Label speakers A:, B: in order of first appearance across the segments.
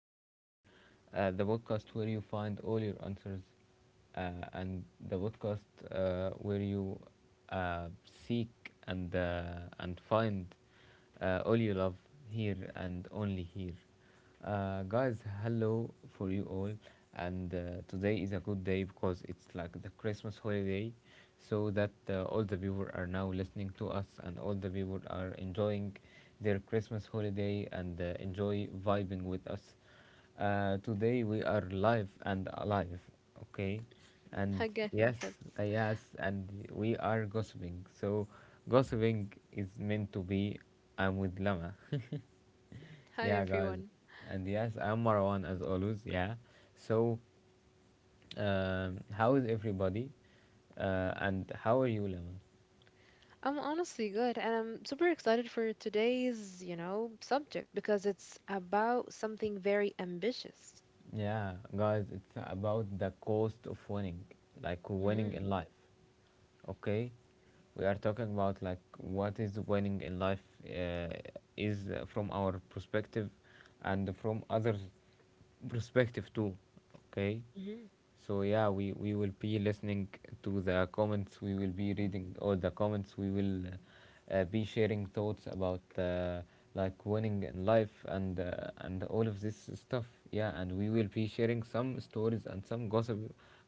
A: podcast, the podcast where you find all your answers, and the podcast where you seek and and find all you love here and only here. Guys, hello for you all. And today is a good day because it's like the Christmas holiday, so that all the people are now listening to us and all the people are enjoying their Christmas holiday and enjoy vibing with us. Today we are live and alive, okay? And
B: Again,
A: yes,
B: yes.
A: yes, and we are gossiping. So, gossiping is meant to be. I'm with Lama.
B: Hi,
A: Yeah, guys.
B: everyone.
A: And yes, I'm Marwan as always. Yeah. So, how is everybody? And how are you, Lemon?
B: I'm honestly good, and I'm super excited for today's subject because it's about something very ambitious.
A: Yeah, guys, it's about the cost of winning, like winning
B: Mm-hmm.
A: in life. Okay, we are talking about like what is winning in life uh, is from our perspective and from others perspective too, okay. So yeah, we will be listening to the comments, we will be reading all the comments, we will be sharing thoughts about like winning in life and and all of this stuff. Yeah, and we will be sharing some stories and some gossip,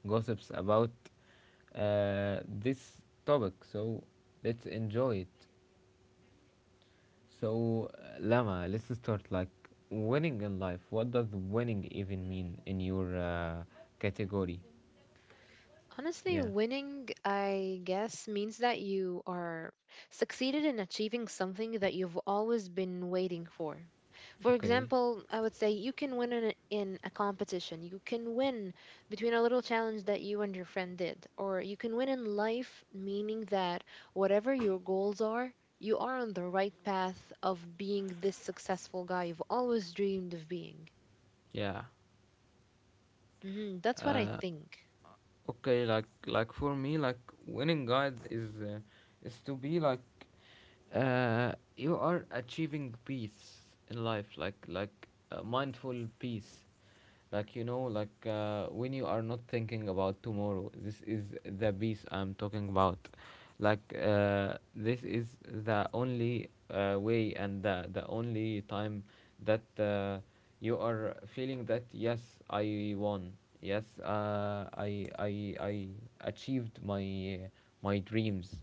A: gossips about this topic, so let's enjoy it. So, Lama, let's start like winning in life. What does winning even mean in your category?
B: Honestly,
A: Yeah,
B: winning, I guess, means that you are succeeded in achieving something that you've always been waiting for. For
A: okay.
B: example, I would say you can win in a competition. You can win between a little challenge that you and your friend did, or you can win in life, meaning that whatever your goals are, you are on the right path of being this successful guy you've always dreamed of being.
A: Yeah.
B: That's what I think.
A: Okay, like for me, like winning guide is to be like you are achieving peace in life, like mindful peace, like you know, like when you are not thinking about tomorrow. This is the peace I'm talking about. Like this is the only way and the only time that you are feeling that yes, I won, yes, I achieved my my dreams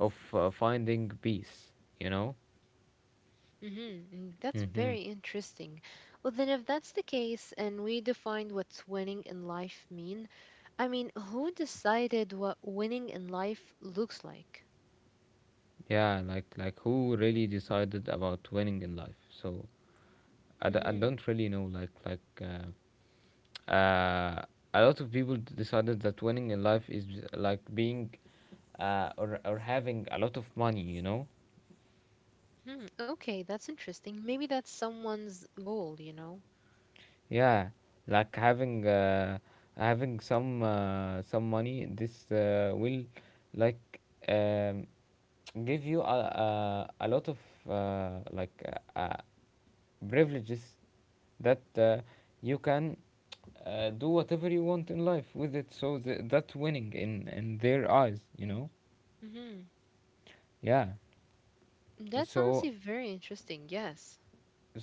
A: of finding peace, you know.
B: Mm-hmm. That's
A: Mm-hmm.
B: very interesting. Well, then, if that's the case and we defined what's winning in life mean, I mean, who decided what winning in life looks like?
A: Yeah, like who really decided about winning in life? So I
B: Mm-hmm.
A: don't really know, like uh, a lot of people decided that winning in life is like being or having a lot of money, you know.
B: Okay, that's interesting. Maybe that's someone's goal, you know?
A: Yeah, like having having some some money, this will like um, give you a lot of uh, like uh, uh, privileges that you can do whatever you want in life with it. So that's winning in their eyes, you know.
B: Mm-hmm.
A: Yeah.
B: That's
A: So
B: honestly very interesting. Yes.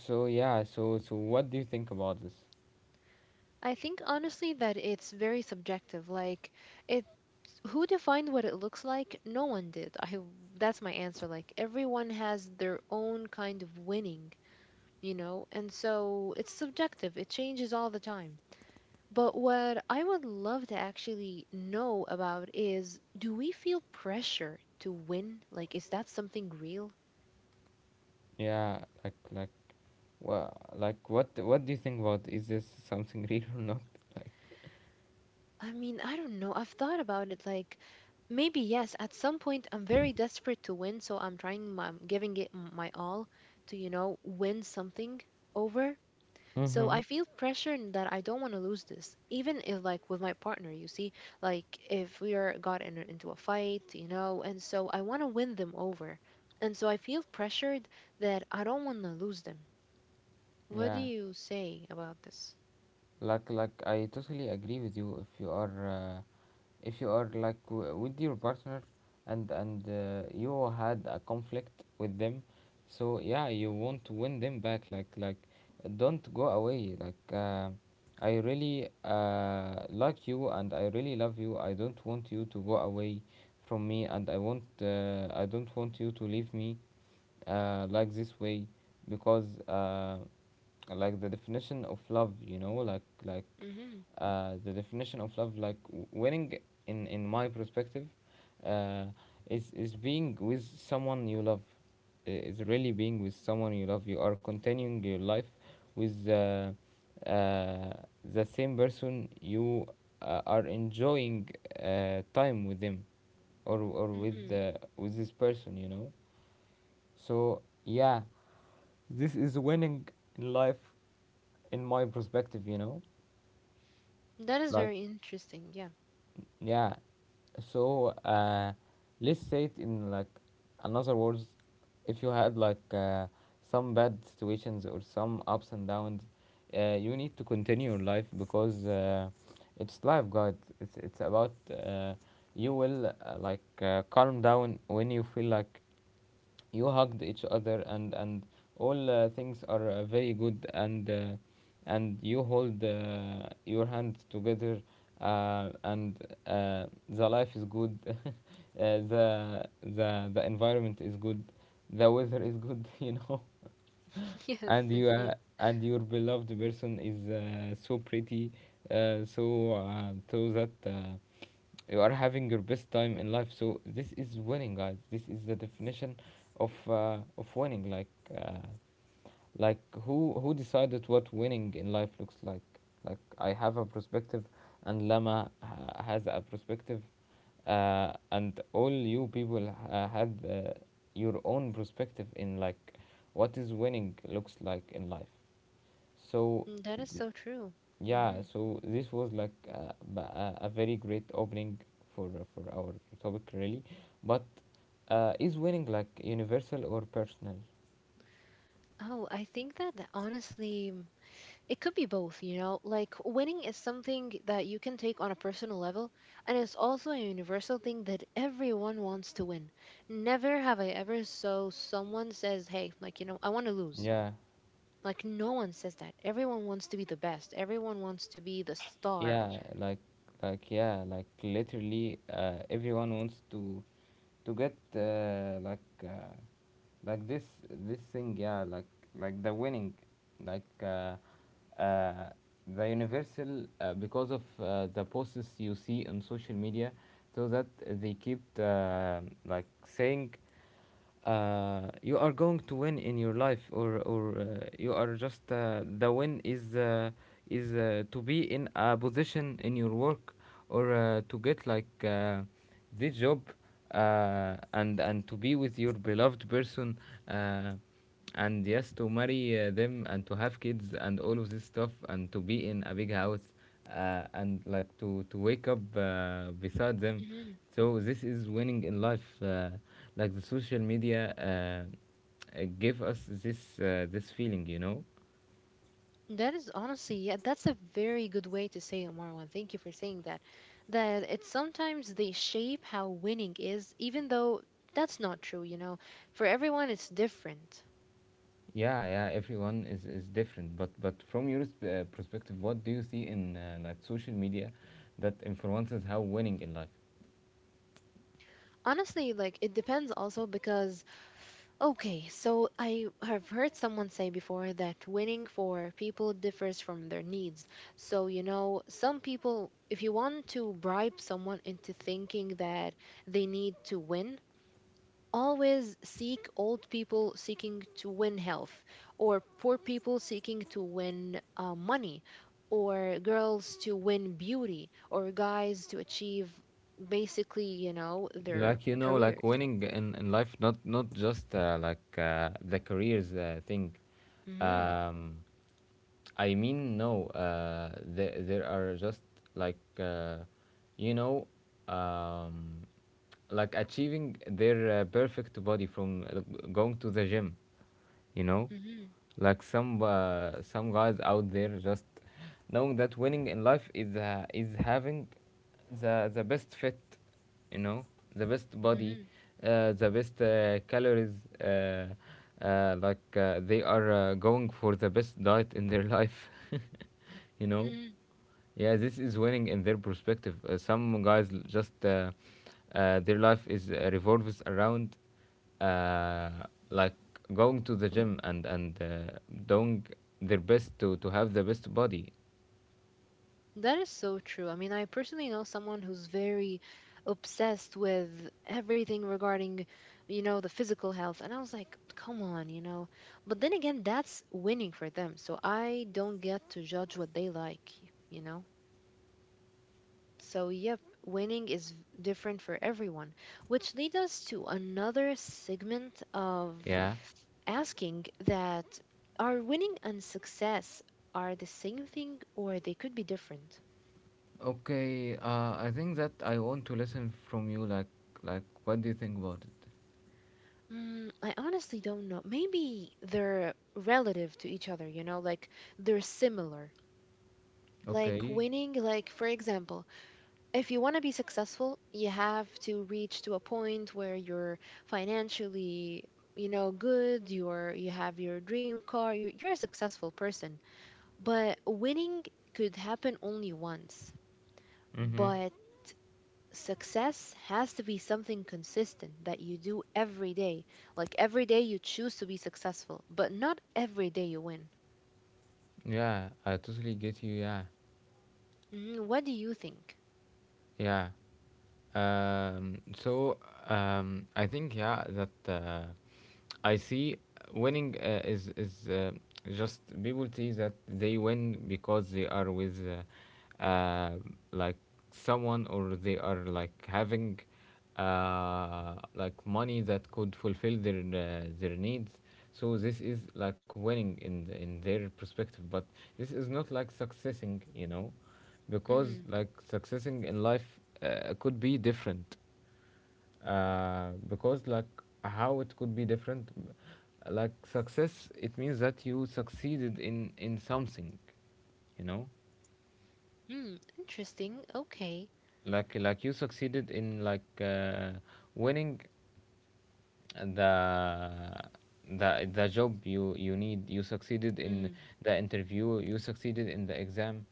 A: so yeah. So so what do you think about this?
B: I think honestly that it's very subjective. Like, it who defined what it looks like? No one did. I That's my answer. Like everyone has their own kind of winning. You know? And so it's subjective, it changes all the time. But what I would love to actually know about is do we feel pressure to win? Like, is that something real?
A: Yeah, like like. Well, like what do you think about, is this something real or not? Like
B: I mean, I don't know. I've thought about it like maybe yes, at some point I'm very desperate to win, so I'm trying, I'm giving it my all to win something over. So
A: mm-hmm.
B: I feel pressure in that I don't want to lose this, even if like with my partner, you see, like if we are into a fight and so I want to win them over, and so I feel pressured that I don't want to lose them. What do
A: Yeah,
B: you say about this?
A: like I totally agree with you. If you are like with your partner and you had a conflict with them, so yeah, you want to win them back. Like don't go away. Like I really like you and I really love you. I don't want you to go away from me, and I want I don't want you to leave me like this way because like the definition of love, you know, like
B: Mm-hmm.
A: the definition of love, like winning in my perspective uh, is being with someone you love. I- is really being with someone you love, you are continuing your life with uh, the same person you are enjoying time with them, or with
B: Mm-hmm.
A: the with this person, you know. So yeah, this is winning in life, in my perspective, you know?
B: That is
A: Like,
B: very interesting. Yeah.
A: yeah. So, let's say it in like another words. If you had like some bad situations or some ups and downs, you need to continue your life because it's life, God. It's about you will calm down when you feel like you hugged each other and all things are very good and and you hold your hands together, and the life is good, the environment is good, the weather is good, you know,
B: Yes,
A: and you
B: indeed.
A: and your beloved person is so pretty, so so that you are having your best time in life. So this is winning, guys, this is the definition of winning. Like uh, like who decided what winning in life looks like? Like I have a perspective, and Lama has a perspective, and all you people had your own perspective in like what is winning looks like in life. So
B: Mm. That is so true. Mm-hmm.
A: yeah, so this was like a very great opening for our topic really, but is winning like universal or personal?
B: Oh, I think that honestly. It could be both, you know? Like, winning is something that you can take on a personal level, and it's also a universal thing that everyone wants to win. Never have I ever saw someone says, "Hey, like, you know, I want to lose."
A: Yeah,
B: Like, no one says that. Everyone wants to be the best. Everyone wants to be the star.
A: yeah, like yeah, like literally everyone wants to get like this thing, yeah, like the winning, like uh, uh, the universal because of the posts you see on social media, so that they keep like saying you are going to win in your life, or you are just the win is to be in a position in your work, or to get like this job, and to be with your beloved person, uh, and yes to marry them and to have kids and all of this stuff, and to be in a big house, and like to wake up beside them.
B: Mhm.
A: So this is winning in life, like the social media give us this this feeling, you know.
B: That is honestly, yeah, that's a very good way to say it, Marwan. Thank you for saying that. That it's sometimes they shape how winning is, even though that's not true. For everyone, it's different.
A: Yeah, yeah, everyone is different. But from your perspective, what do you see in like social media that influences how winning in life?
B: Honestly, like it depends also because, okay, so I have heard someone say before that winning for people differs from their needs. So some people, if you want to bribe someone into thinking that they need to win, always seek old people seeking to win health, or poor people seeking to win money, or girls to win beauty, or guys to achieve basically their
A: Like you know, like
B: careers.
A: winning in life, not not just the careers thing.
B: Mm,
A: Um, I mean, no. There are just like you know, um, like achieving their perfect body from going to the gym. You know,
B: mhm,
A: like some some guys out there just knowing that winning in life is having the best fit, you know, the best body,
B: mhm.
A: the best calories, uh, they are going for the best diet in their life, you know.
B: Mhm.
A: Yeah, this is winning in their perspective. Some guys just their life is revolves around uh, like going to the gym and doing their best to have the best body.
B: That is so true. I mean, I personally know someone who's very obsessed with everything regarding, the physical health. And I was like, come on. But then again, that's winning for them. So I don't get to judge what they like, you know. So, yep, winning is different for everyone, which leads us to another segment of
A: Yeah.
B: asking that are winning and success are the same thing or they could be different?
A: Okay, I think that I want to listen from you. Like, what do you think about it?
B: I honestly don't know. Maybe they're relative to each other, like they're similar. Like
A: Okay.
B: winning, like for example, if you want to be successful, you have to reach to a point where you're financially, good, you have your dream car, you're a successful person. But winning could happen only once.
A: Mm-hmm.
B: But success has to be something consistent that you do every day. Like every day you choose to be successful, but not every day you win.
A: Yeah, I totally get you. Yeah,
B: Mhm. What do you think?
A: yeah. So I think yeah that I see winning is just people see that they win because they are with like someone, or they are like having like money that could fulfill their needs. So this is like winning in the, in their perspective, but this is not like successing, you know, because
B: hmm
A: like successing in life could be different, because like how it could be different, like success it means that you succeeded in something, you know,
B: Hmm, interesting. Okay.
A: like you succeeded in like winning the the job you you need, you succeeded in
B: hmm
A: the interview, you succeeded in the exam,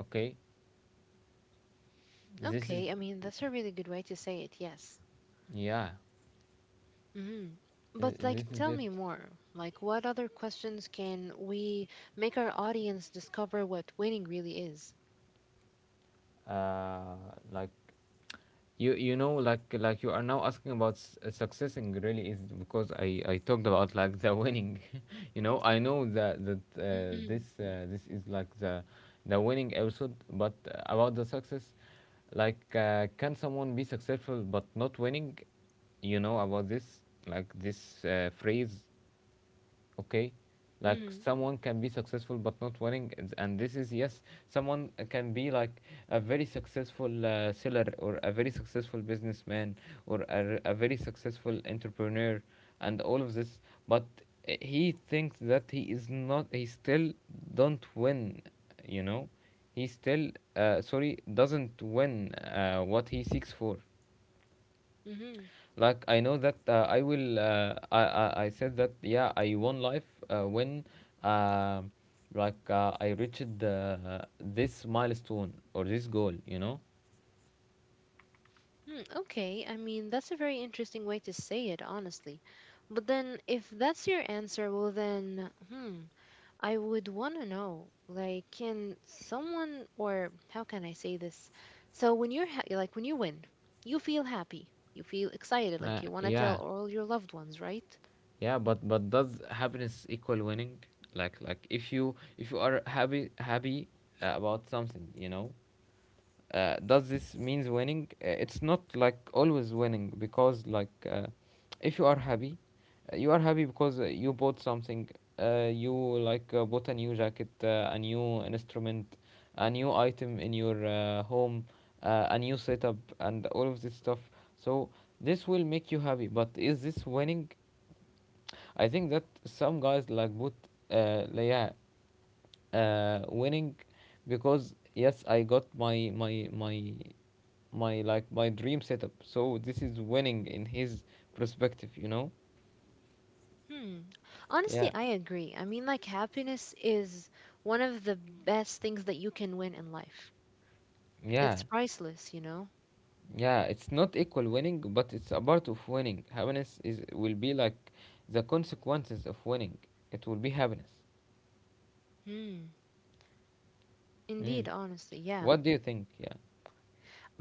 A: okay. This is
B: Okay, I mean, that's a really good way to say it, yes.
A: yeah,
B: hmm But, like,
A: this is
B: tell
A: it.
B: me more. Like, what other questions can we make our audience discover what winning really is?
A: uh like you you know, like you are now asking about success and really is, because I talked about like the winning, you know, I know
B: Hmm.
A: that that this is like the winning episode, but about the success, like can someone be successful but not winning? You know about this, like this phrase, okay. Like
B: Hmm.
A: someone can be successful but not winning, it's- and this is yes, someone can be like a very successful seller, or a very successful businessman, or a very successful entrepreneur, and all of this, but he thinks that he is not, he still don't win, you know, he still sorry doesn't win what he seeks for.
B: Hmm.
A: Like I know that I said that yeah, I won life when uh, I reached this milestone or this goal, you know.
B: Hmm, okay, I mean, that's a very interesting way to say it, honestly. But then, if that's your answer, well, then, I would want to know, like, can someone, or how can I say this? So, like, when you win, you feel happy, you feel excited, like, you want to tell
A: Yeah,
B: all your loved ones, right?
A: yeah, but does happiness equal winning? Like if you are happy about something, does this means winning It's not like always winning, because if you are happy, you are happy because you bought something, you bought a new jacket, a new instrument, a new item in your home, a new setup and all of this stuff. So this will make you happy, but is this winning? I think that some guys like bought, yeah, winning, because yes, I got my dream setup. So this is winning in his perspective, you know?
B: Hmm. Honestly,
A: Yeah,
B: I agree. I mean, like, happiness is one of the best things that you can win in life.
A: yeah,
B: It's priceless, you know?
A: yeah. It's not equal winning, but it's a part of winning. Happiness is will be like the consequences of winning. It will be happiness.
B: Hmm.
A: Mm.
B: Indeed, honestly, yeah.
A: What do you think? Yeah,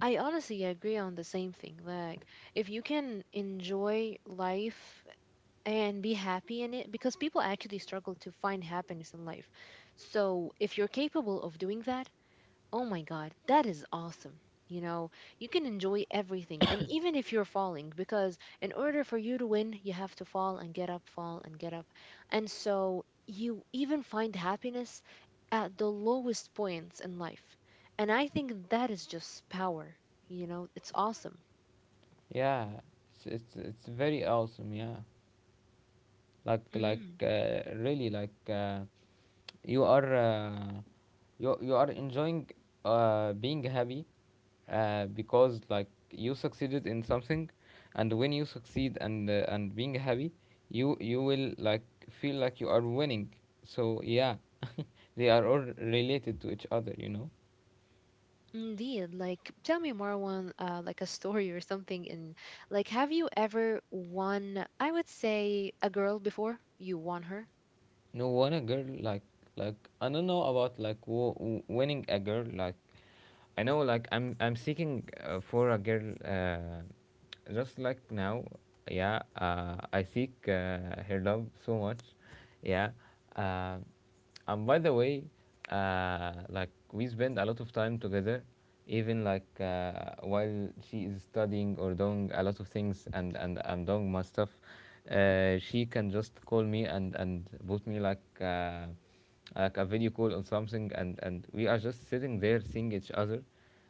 B: I honestly agree on the same thing. Like, if you can enjoy life and be happy in it, because people actually struggle to find happiness in life. So, if you're capable of doing that, oh my God, that is awesome. You know, you can enjoy everything. And even if you're falling, because in order for you to win, you have to fall and get up, fall and get up. And so you even find happiness at the lowest points in life. And I think that is just power. It's awesome.
A: yeah. It's very awesome. Yeah, like like
B: Mhm.
A: uh, really like uh, you are you are enjoying being happy because like you succeeded in something, and when you succeed and being happy, you will like feel like you are winning. So yeah, they are all related to each other, you know.
B: Indeed. Like, tell me more one, like a story or something. And like, have you ever won, I would say, a girl before you won her?
A: No one, a girl, like, like I don't know about like winning a girl, like, I know like I'm seeking for a girl, just like now. Yeah, I seek her love so much. Yeah. uh, And by the way, we spend a lot of time together, even while she is studying or doing a lot of things, and I'm doing my stuff. She can just call me and put me like a video call or something, and we are just sitting there seeing each other,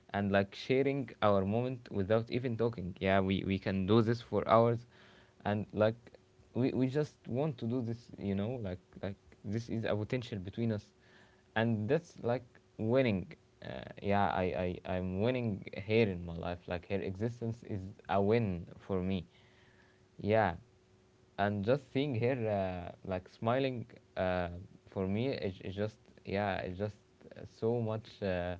A: and like sharing our moment without even talking. Yeah, we can do this for hours, and like we just want to do this, you know, like this is a potential between us, and that's like winning. Yeah, I, I'm winning here in my life, like her existence is a win for me. Yeah. And just seeing her, like, smiling, uh, for me it's just, yeah, it's just so much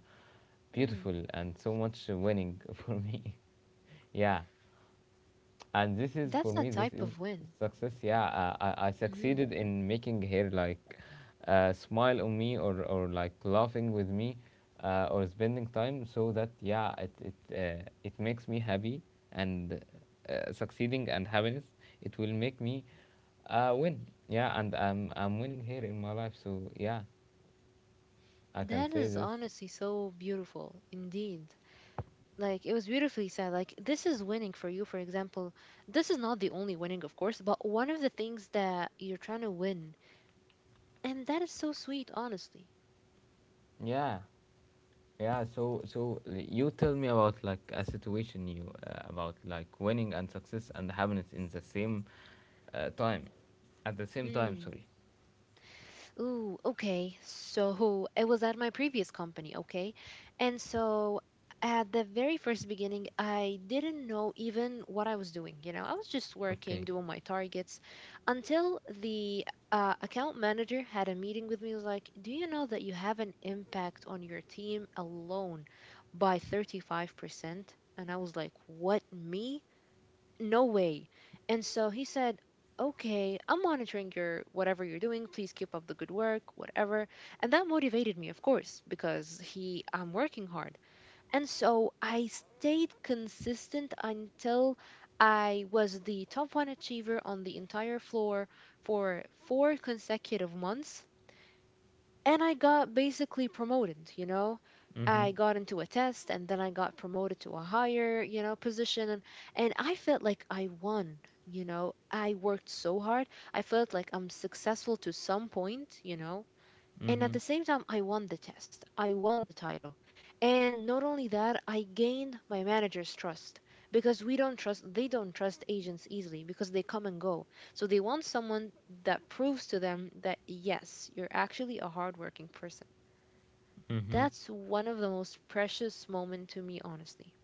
A: beautiful and so much winning for me. Yeah. And
B: That's
A: this
B: a
A: is, for
B: type
A: me,
B: of
A: this is
B: win.
A: success. Yeah, I
B: Mhm.
A: succeeded in making her like smile on me, or like laughing with me, or spending time. So that, yeah, it makes me happy. And succeeding and happiness, it will make me win. Yeah, and I'm winning here in my life, so yeah, I can
B: That
A: say
B: is
A: this.
B: honestly so beautiful indeed. Like, it was beautifully said. Like, this is winning for you, for example. This is not the only winning, of course, but one of the things that you're trying to win. And that is so sweet, honestly.
A: Yeah. Yeah, so you tell me about like a situation you, about like winning and success and happiness in the same time at the same time.
B: Hmm.
A: Sorry.
B: Ooh, okay. So I was at my previous company, okay? And so at the very first beginning, I didn't know even what I was doing. I was just working,
A: Okay.
B: doing my targets until the account manager had a meeting with me. He was like, "Do you know that you have an impact on your team alone by 35%?" And I was like, "What, me? No way." And so he said, okay, I'm monitoring your whatever you're doing. Please keep up the good work, whatever. And that motivated me, of course, because I'm working hard. And so I stayed consistent until I was the top one achiever on the entire floor for 4 consecutive months and I got basically promoted. I
A: Mhm.
B: got into a test and then I got promoted to a higher, position and I felt like I won. I worked so hard. I felt like I'm successful to some point and at
A: Mhm.
B: the same time, I won the test. I won the title. And not only that, I gained my manager's trust because we don't trust, they don't trust agents easily because they come and go. So they want someone that proves to them that, yes, you're actually a hardworking person.
A: Mhm.
B: That's one of the most precious moments to me, honestly.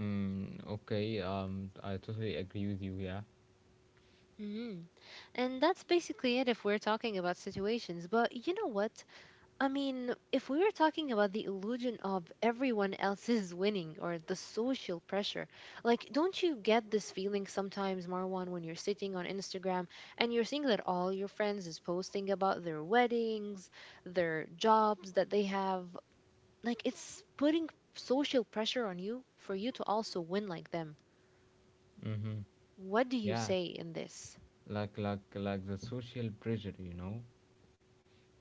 A: Mm, okay. I totally agree with you. Yeah.
B: Mhm. And that's basically it if we're talking about situations. But you know what? I mean, if we were talking about the illusion of everyone else is winning or the social pressure, like, don't you get this feeling sometimes, Marwan, when you're sitting on Instagram and you're seeing that all your friends is posting about their weddings, their jobs that they have? Like, it's putting social pressure on you for you to also win like them.
A: Mhm.
B: What do you
A: Yeah.
B: say in this?
A: Like the social pressure, you know,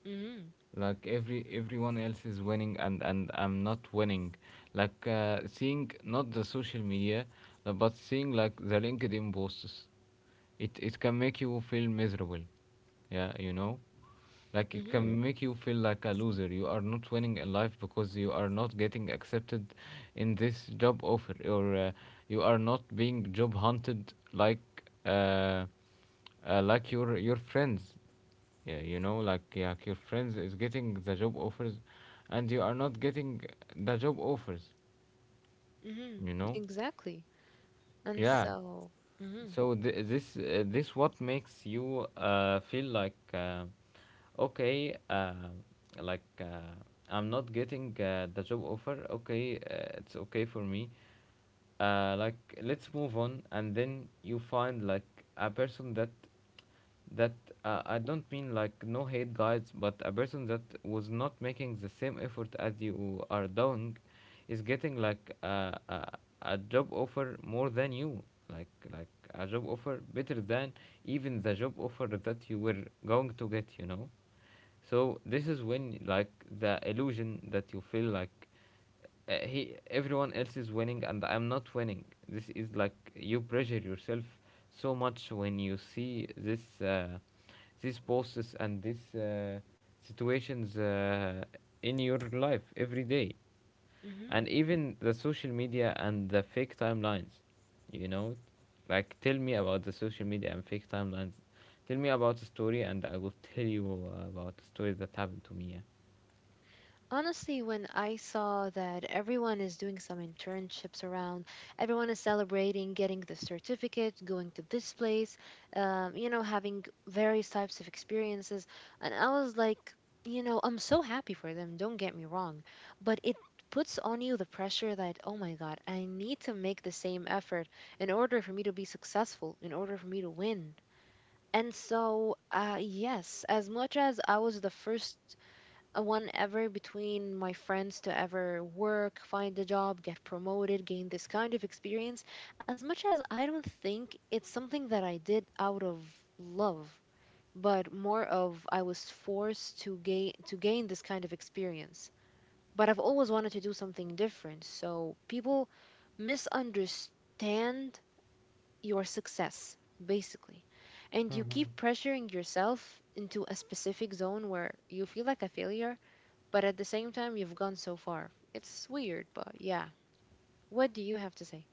B: Mm
A: like everyone else is winning and I'm not winning. Like, seeing not the social media, but seeing like the LinkedIn posts, it can make you feel miserable. Yeah, you know, like
B: hmm.
A: it
B: Mm
A: can
B: hmm.
A: make you feel like a loser. You are not winning in life because you are not getting accepted in this job offer, or you are not being job hunted like your friends. Yeah, you know, like your friends is getting the job offers, and you are not getting the job offers.
B: Mm hmm.
A: You know,
B: Exactly. And
A: yeah.
B: so, mm hmm.
A: So this, this what makes you feel like, okay, like uh, I'm not getting the job offer. Okay, it's okay for me. uh, like let's move on. And then you find like a person that, I don't mean like no hate, guys, but a person that was not making the same effort as you are doing is getting like a job offer more than you, like a job offer better than even the job offer that you were going to get, you know. So this is when like the illusion that you feel like, he everyone else is winning and I'm not winning. This is like you pressure yourself so much when you see this these posts and these situations in your life every day,
B: Mm hmm.
A: and even the social media and the fake timelines, you know. Like, tell me about the social media and fake timelines. Tell me about the story, and I will tell you about the story that happened to me.
B: Honestly, when I saw that everyone is doing some internships around, everyone is celebrating getting the certificate, going to this place, having various types of experiences, and I was like, I'm so happy for them, don't get me wrong, but it puts on you the pressure that, oh my God, I need to make the same effort in order for me to be successful, in order for me to win. And so, yes, as much as I was the first a one ever between my friends to ever work, find a job, get promoted, gain this kind of experience. As much as I don't think it's something that I did out of love, but more of I was forced to gain this kind of experience. But I've always wanted to do something different. So people misunderstand your success, basically, and
A: Yeah.
B: you
A: Mhm.
B: keep pressuring yourself into a specific zone where you feel like a failure. But at the same time, you've gone so far. It's weird, but yeah, what do you have to say?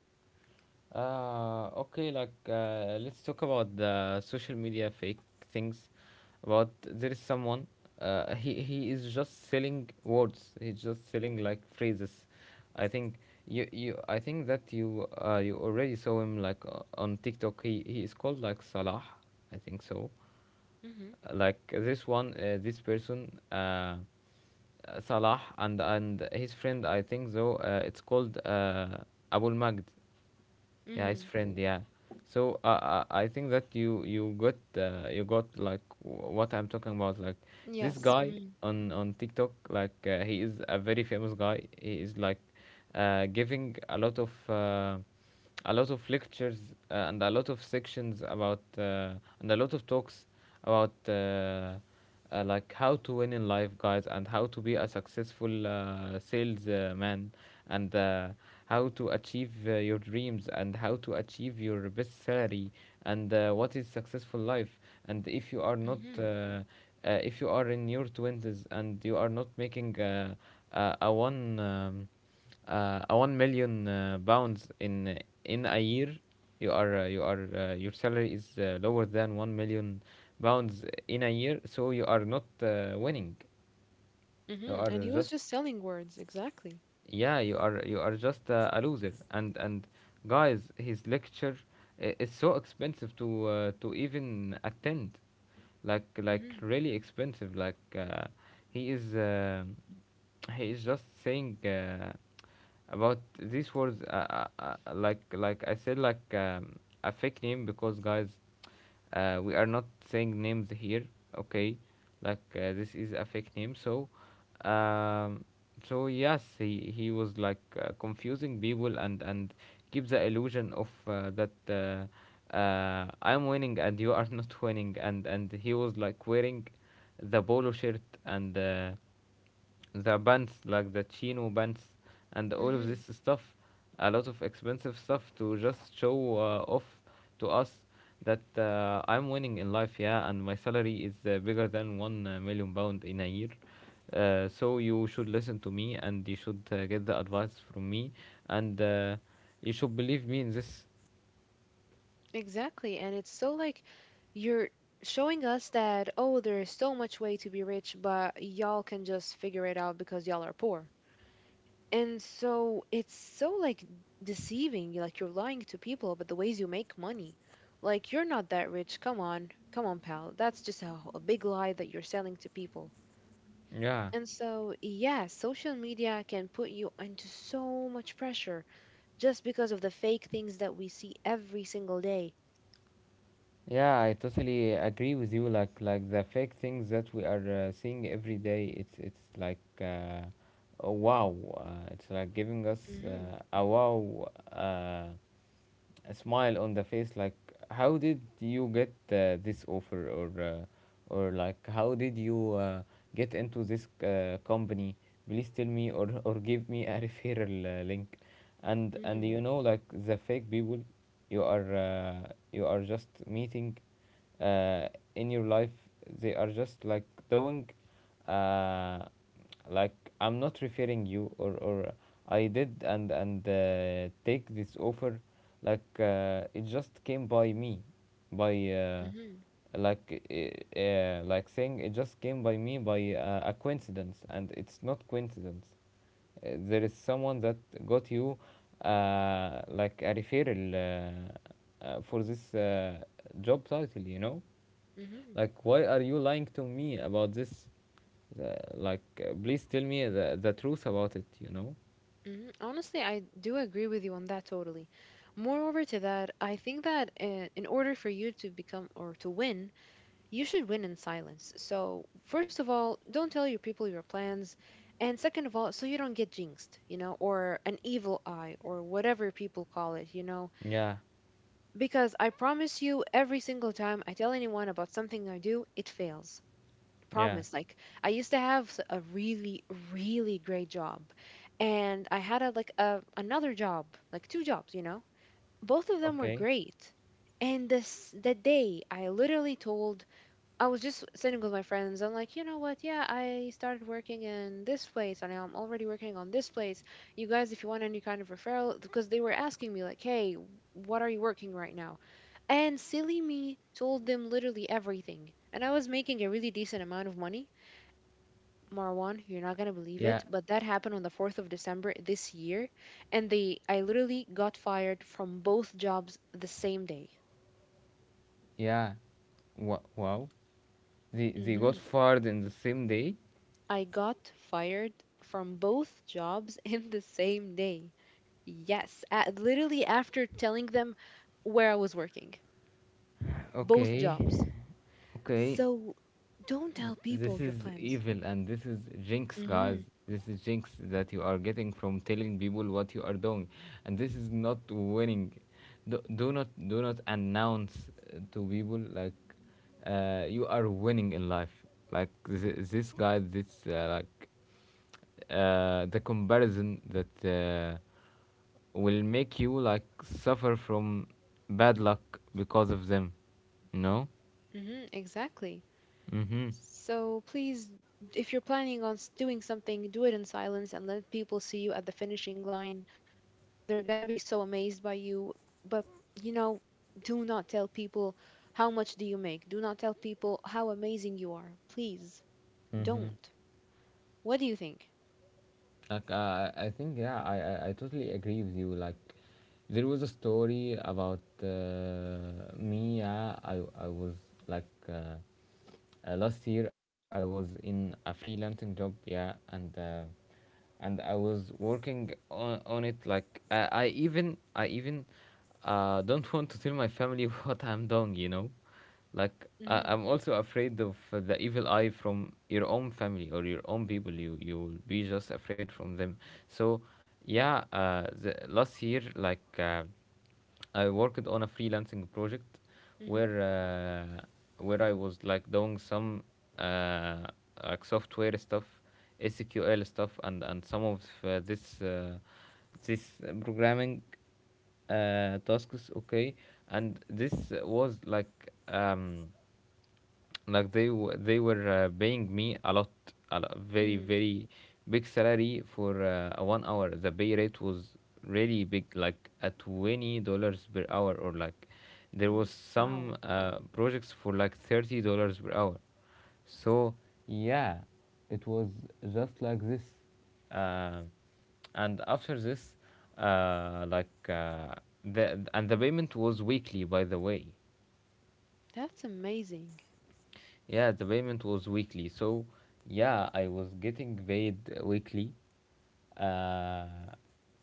A: Okay, let's talk about the social media fake things. About, there is someone, he is just selling words. He's just selling like phrases. I think you you I think that you, you already saw him like on TikTok. He is called like Salah, I think so.
B: Mm-hmm.
A: Like this one, this person, Salah and his friend, I think so. It's called Abul Magd, yeah, his
B: Mm-hmm.
A: friend, yeah. So I think that you got like what I'm talking about, like this
B: Yes.
A: guy
B: Mm-hmm.
A: on TikTok. Like, he is a very famous guy. He is like giving a lot of lectures, and a lot of sections about, and a lot of talks about, like, how to win in life, guys, and how to be a successful salesman, and how to achieve your dreams, and how to achieve your best salary, and what is successful life. And if you are not
B: Mm-hmm.
A: if you are in your 20s and you are not making uh, a one um, a 1 million pounds in a year, you are, your salary is lower than 1 million pounds in a year, so you are not winning. You
B: Mm-hmm.
A: are
B: And he was
A: just,
B: just selling words, exactly.
A: yeah, you are, you are just a loser. And guys, his lecture is so expensive to even attend. Like
B: Mm-hmm.
A: really expensive, like, he is, he is just saying, about these words, like I said, a fake name, because guys, we are not saying names here, okay. This is a fake name. Um, so yes, he was like confusing people and keep the illusion of that I'm winning and you are not winning. And he was like wearing the polo shirt and the bands, like the chino bands and all of this
B: Mm-hmm.
A: stuff, a lot of expensive stuff to just show off to us that, I'm winning in life. Yeah, and my salary is bigger than 1 million pound in a year. So you should listen to me, and you should get the advice from me, and you should believe me in this.
B: Exactly. And it's so like you're showing us that, oh, there's so much way to be rich, but y'all can just figure it out because y'all are poor. And so it's so like deceiving, like you're lying to people about the ways you make money. Like you're not that rich. Come on, come on, pal. That's just a big lie that you're selling to people.
A: Yeah.
B: And so, yeah, social media can put you into so much pressure just because of the fake things that we see every single day.
A: Yeah, I totally agree with you. Like the fake things that we are seeing every day, it's like a wow. It's like giving us
B: Mhm.
A: a wow. A smile on the face. Like, how did you get this offer, or like how did you get into this company? Please tell me, or give me a referral link. And
B: Mhm.
A: you know, like the fake people you are, you are just meeting uh, in your life, they are just like doing uh, like I'm not referring you, or I did, and take this offer, like it just came by me by,
B: Mhm.
A: like saying, it just came by me by a coincidence. And it's not coincidence. There is someone that got you like a referral for this job title, you know.
B: Mhm.
A: Like, why are you lying to me about this? uh, Please tell me the truth about it, you know.
B: Mhm. Honestly, I do agree with you on that totally. Moreover to that, I think that in order for you to become or to win, you should win in silence. So, first of all, don't tell your people your plans. And second of all, so you don't get jinxed, you know, or an evil eye, or whatever people call it, you know.
A: Yeah.
B: Because I promise you, every single time I tell anyone about something I do, it fails.
A: Yeah.
B: Promise. Like, I used to have a really, really great job. And I had like, another job, like two jobs, you know. Both of them were
A: Okay.
B: great. And this, the day I literally told, I was just sitting with my friends. I'm like, you know what? Yeah, I started working in this place and I'm already working on this place. You guys, if you want any kind of referral, because they were asking me, like, hey, what are you working right now? And silly me told them literally everything. And I was making a really decent amount of money. Marwan, you're not going to believe
A: Yeah,
B: it, but that happened on the 4th of December this year. And they, I literally got fired from both jobs the same day.
A: yeah. Wa, wow. They got
B: Mm-hmm.
A: fired in the same day.
B: I got fired from both jobs in the same day. Yes, literally after telling them where I was working, both
A: Okay,
B: jobs.
A: okay.
B: So don't tell
A: This
B: people your
A: is
B: plans.
A: evil and this is jinx, guys.
B: Mhm.
A: This is jinx that you are getting from telling people what you are doing, and this is not winning. Do not do not announce to people like, you are winning in life. Like this guy, this like the comparison that, will make you like suffer from bad luck because of them, you know.
B: Mhm, exactly.
A: Mm-hmm.
B: So please, if you're planning on doing something, do it in silence and let people see you at the finishing line. They're going to be so amazed by you. But, you know, do not tell people how much do you make. Do not tell people how amazing you are. Please
A: Mm-hmm.
B: don't. What do you think?
A: I think, yeah, I totally agree with you. Like, there was a story about me. Yeah, I was like uh, last year I was in a freelancing job, yeah, and I was working on it. Like, I even don't want to tell my family what I'm doing. Like I
B: Mhm.
A: I'm also afraid of the evil eye from your own family or your own people. You will be just afraid from them. So, Last year, I worked on a freelancing project
B: Mhm.
A: where I was like doing some uh, like software stuff, SQL stuff, and some of this programming tasks. Okay, and this was um, like they were paying me a lot, very
B: Mhm.
A: very big salary for a 1 hour. The pay rate was really big, like at $20 per hour, or like there was
B: Mhm.
A: some
B: Wow.
A: projects for like $30 per hour. So yeah, it was just like this, uh, and after this, uh, like uh, the payment was weekly, by the way.
B: That's amazing.
A: Yeah, the payment was weekly. So, yeah, I was getting paid weekly. Uh,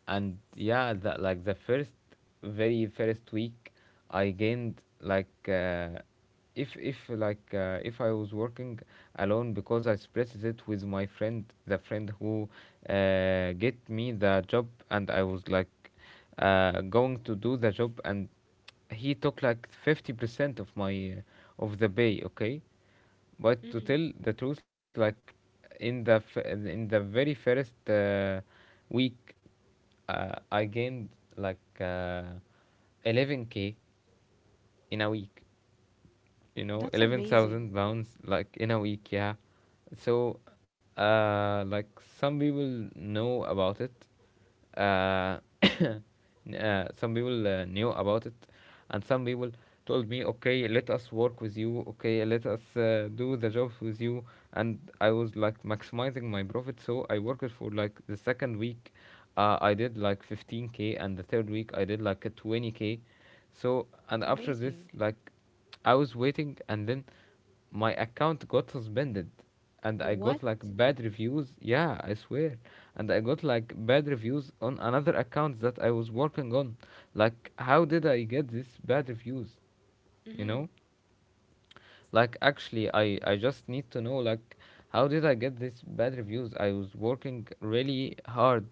A: and yeah, like the first, very first week, I gained like, if like if I was working alone, because I split it with my friend, the friend who get me the job. And I was like going to do the job, and he took like 50% of my of the pay. Okay, but to
B: Mhm.
A: tell the truth, like in the very first week, I gained like, 11k in a week. You know,
B: That's amazing.
A: 11,000 pounds like in a week. Yeah. So uh like some people know about it. Some people knew about it, and some people told me, okay, let us work with you, okay, let us do the jobs with you. And I was like maximizing my profit, so I worked for like the second week. I did like 15k, and the third week I did like a 20k. So, and after this,
B: Amazing.
A: like, I was waiting, and then my account got suspended, and I got
B: What?
A: like bad reviews. Yeah, I swear, and I got like bad reviews on another account that I was working on. Like, how did I get these bad reviews? You know?
B: Mhm.
A: I just need to know like how did I get this bad reviews? I was working really hard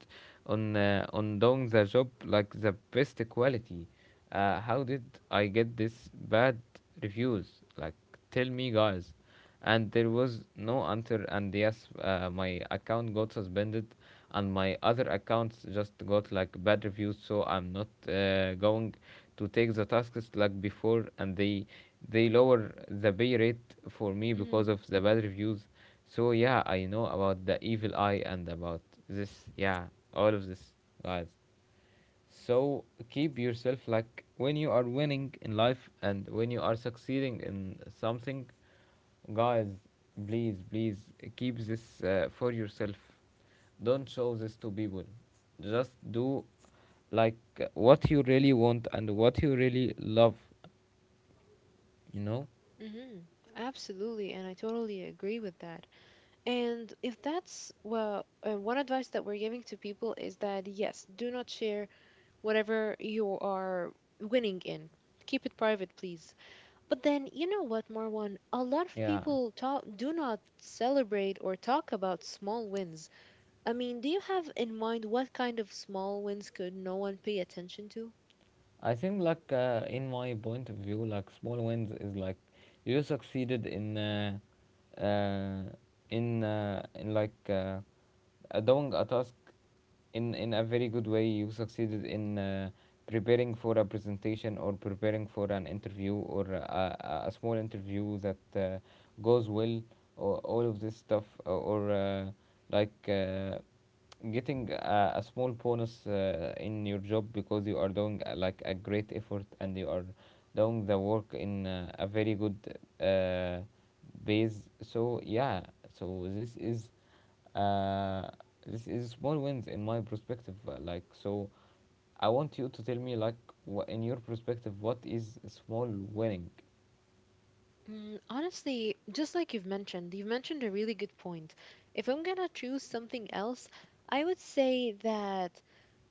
A: on doing the job like the best quality. How did I get this bad reviews? Like, tell me, guys. And there was no answer. And yes, my account got suspended, and my other accounts just got like bad reviews. So I'm not going to take the tasks like before, and they lower the pay rate for me because
B: Mhm.
A: of the bad reviews. So yeah, I know about the evil eye and about this. Yeah, all of this, guys. So, keep yourself like when you are winning in life and when you are succeeding in something, guys, please, please, keep this for yourself. Don't show this to people. Just do like what you really want and what you really love, you know?
B: Mhm. Absolutely, and I totally agree with that. And if that's well, one advice that we're giving to people is that, yes, do not share whatever you are winning in. Keep it private, please. But then, you know what, Marwan? A lot of
A: Yeah.
B: people talk, do not celebrate or talk about small wins. I mean, do you have in mind what kind of small wins could no one pay attention to?
A: I think, like, in my point of view, like, small wins is like you succeeded in, uh, like doing a task in a very good way. You succeeded in preparing for a presentation, or preparing for an interview, or a small interview that goes well, or all of this stuff, or, like. Uh, getting a small bonus in your job because you are doing like a great effort, and you are doing the work in a very good uh, base. So yeah, so uh, this is small wins in my perspective. Like, so, I want you to tell me like wha in your perspective what is small winning.
B: Mm, honestly, just like you've mentioned a really good point. If I'm gonna choose something else, I would say that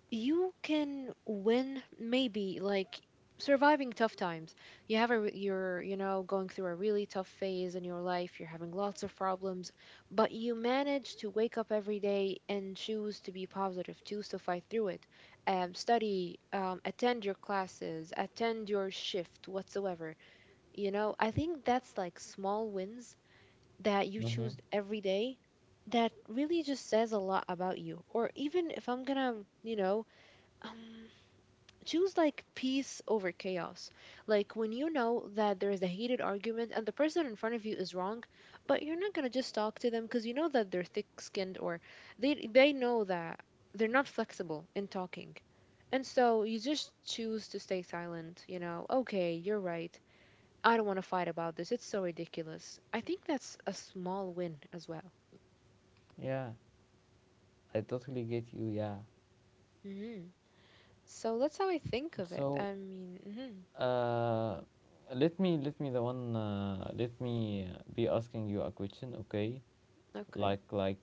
B: you can win maybe like surviving tough times. You have a you're, you know, going through a really tough phase in your life. You're having lots of problems, but you manage to wake up every day and choose to be positive, choose to fight through it, study, attend your classes, attend your shift, whatsoever. You know, I think that's like small wins that you
A: Mm-hmm.
B: choose every day that really just says a lot about you. Or even if I'm gonna, you know, um, choose like peace over chaos. Like when you know that there is a heated argument and the person in front of you is wrong, but you're not gonna just talk to them because you know that they're thick-skinned, or they know that they're not flexible in talking. And so you just choose to stay silent, you know. Okay, you're right. I don't want to fight about this. It's so ridiculous. I think that's a small win as well.
A: Yeah, I totally get you. Yeah.
B: Hmm. So that's how I think of it.
A: So,
B: I mean, mhm,
A: Uh, let me the one let me be asking you a question, okay?
B: okay.
A: Like like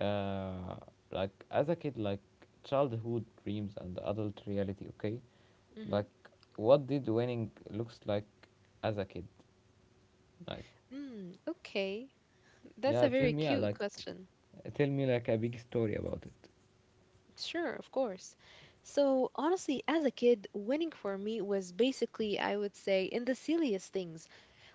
A: uh like, as a kid, like, childhood dreams and adult reality, okay?
B: Hmm.
A: Like, what did winning looks like as a kid? Like,
B: Mm, okay. That's a
A: yeah, tell
B: very
A: me
B: cute
A: like,
B: question.
A: tell me like a big story about it.
B: Sure, of course. So, honestly, as a kid, winning for me was basically, I would say, in the silliest things.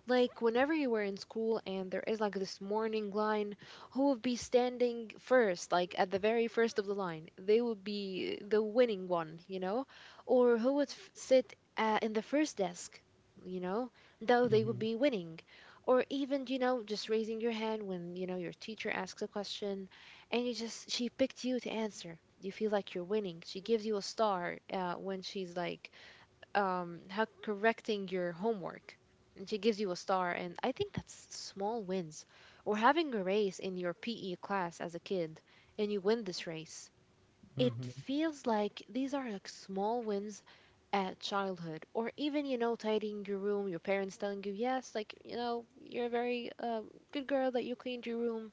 B: Like whenever you were in school and there is like this morning line, who would be standing first, like at the very first of the line? They would be the winning one, you know? Or who would sit in the first desk, you know? Though they would
A: Mhm.
B: be winning. Or even, you know, just raising your hand when, you know, your teacher asks a question and you just, she picked you to answer. You feel like you're winning. She gives you a star when she's like, how, correcting your homework, and she gives you a star, and I think that's small wins. Or having a race in your PE class as a kid and you win this race, it
A: Mhm.
B: feels like these are like small wins at childhood. Or even, you know, tidying your room, your parents telling you yes, like, you know, you're a very good girl that you cleaned your room.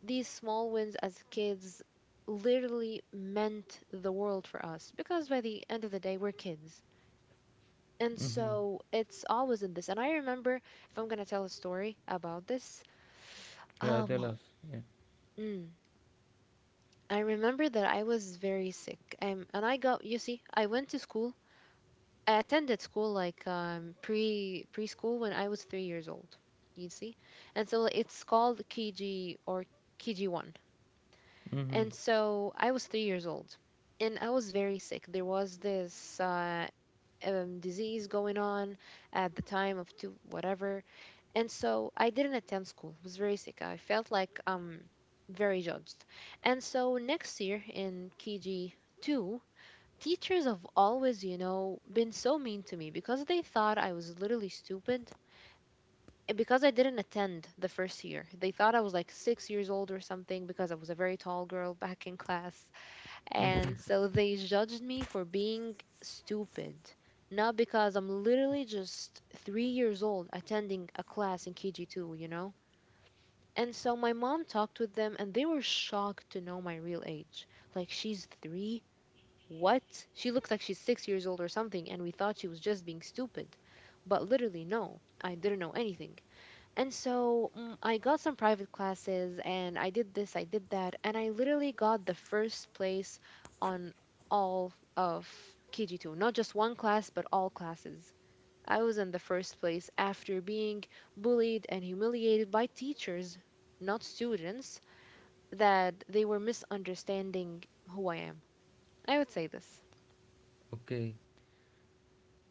B: These small wins as kids literally meant the world for us because by the end of the day we're kids. And
A: Mhm.
B: so it's always in this. And I remember, if I'm going to tell a story about this,
A: Yeah, tell
B: um,
A: us. Yeah.
B: mm, I remember that I was very sick. And I got, you see, I went to school. I attended school like preschool when I was 3 years old. You see, and so it's called KG, or KG1.
A: Mhm.
B: And so I was 3 years old, and I was very sick. There was this disease going on at the time of two whatever. And so I didn't attend school. I was very sick. I felt like very judged. And so next year in KG2, teachers have always, you know, been so mean to me because they thought I was literally stupid. And Because I didn't attend the first year, they thought I was like 6 years old or something because I was a very tall girl back in class. And so they judged me for being stupid, not because I'm literally just 3 years old attending a class in KG2, you know? And so my mom talked with them, and they were shocked to know my real age. Like, she's three? What? She looks like she's 6 years old or something, and we thought she was just being stupid. But literally, no, I didn't know anything. And so I got some private classes, and I did this, I did that, and I literally got the first place on all of KG2. Not just one class, but all classes. I was in the first place after being bullied and humiliated by teachers, not students, that they were misunderstanding who I am. I would say this.
A: Okay.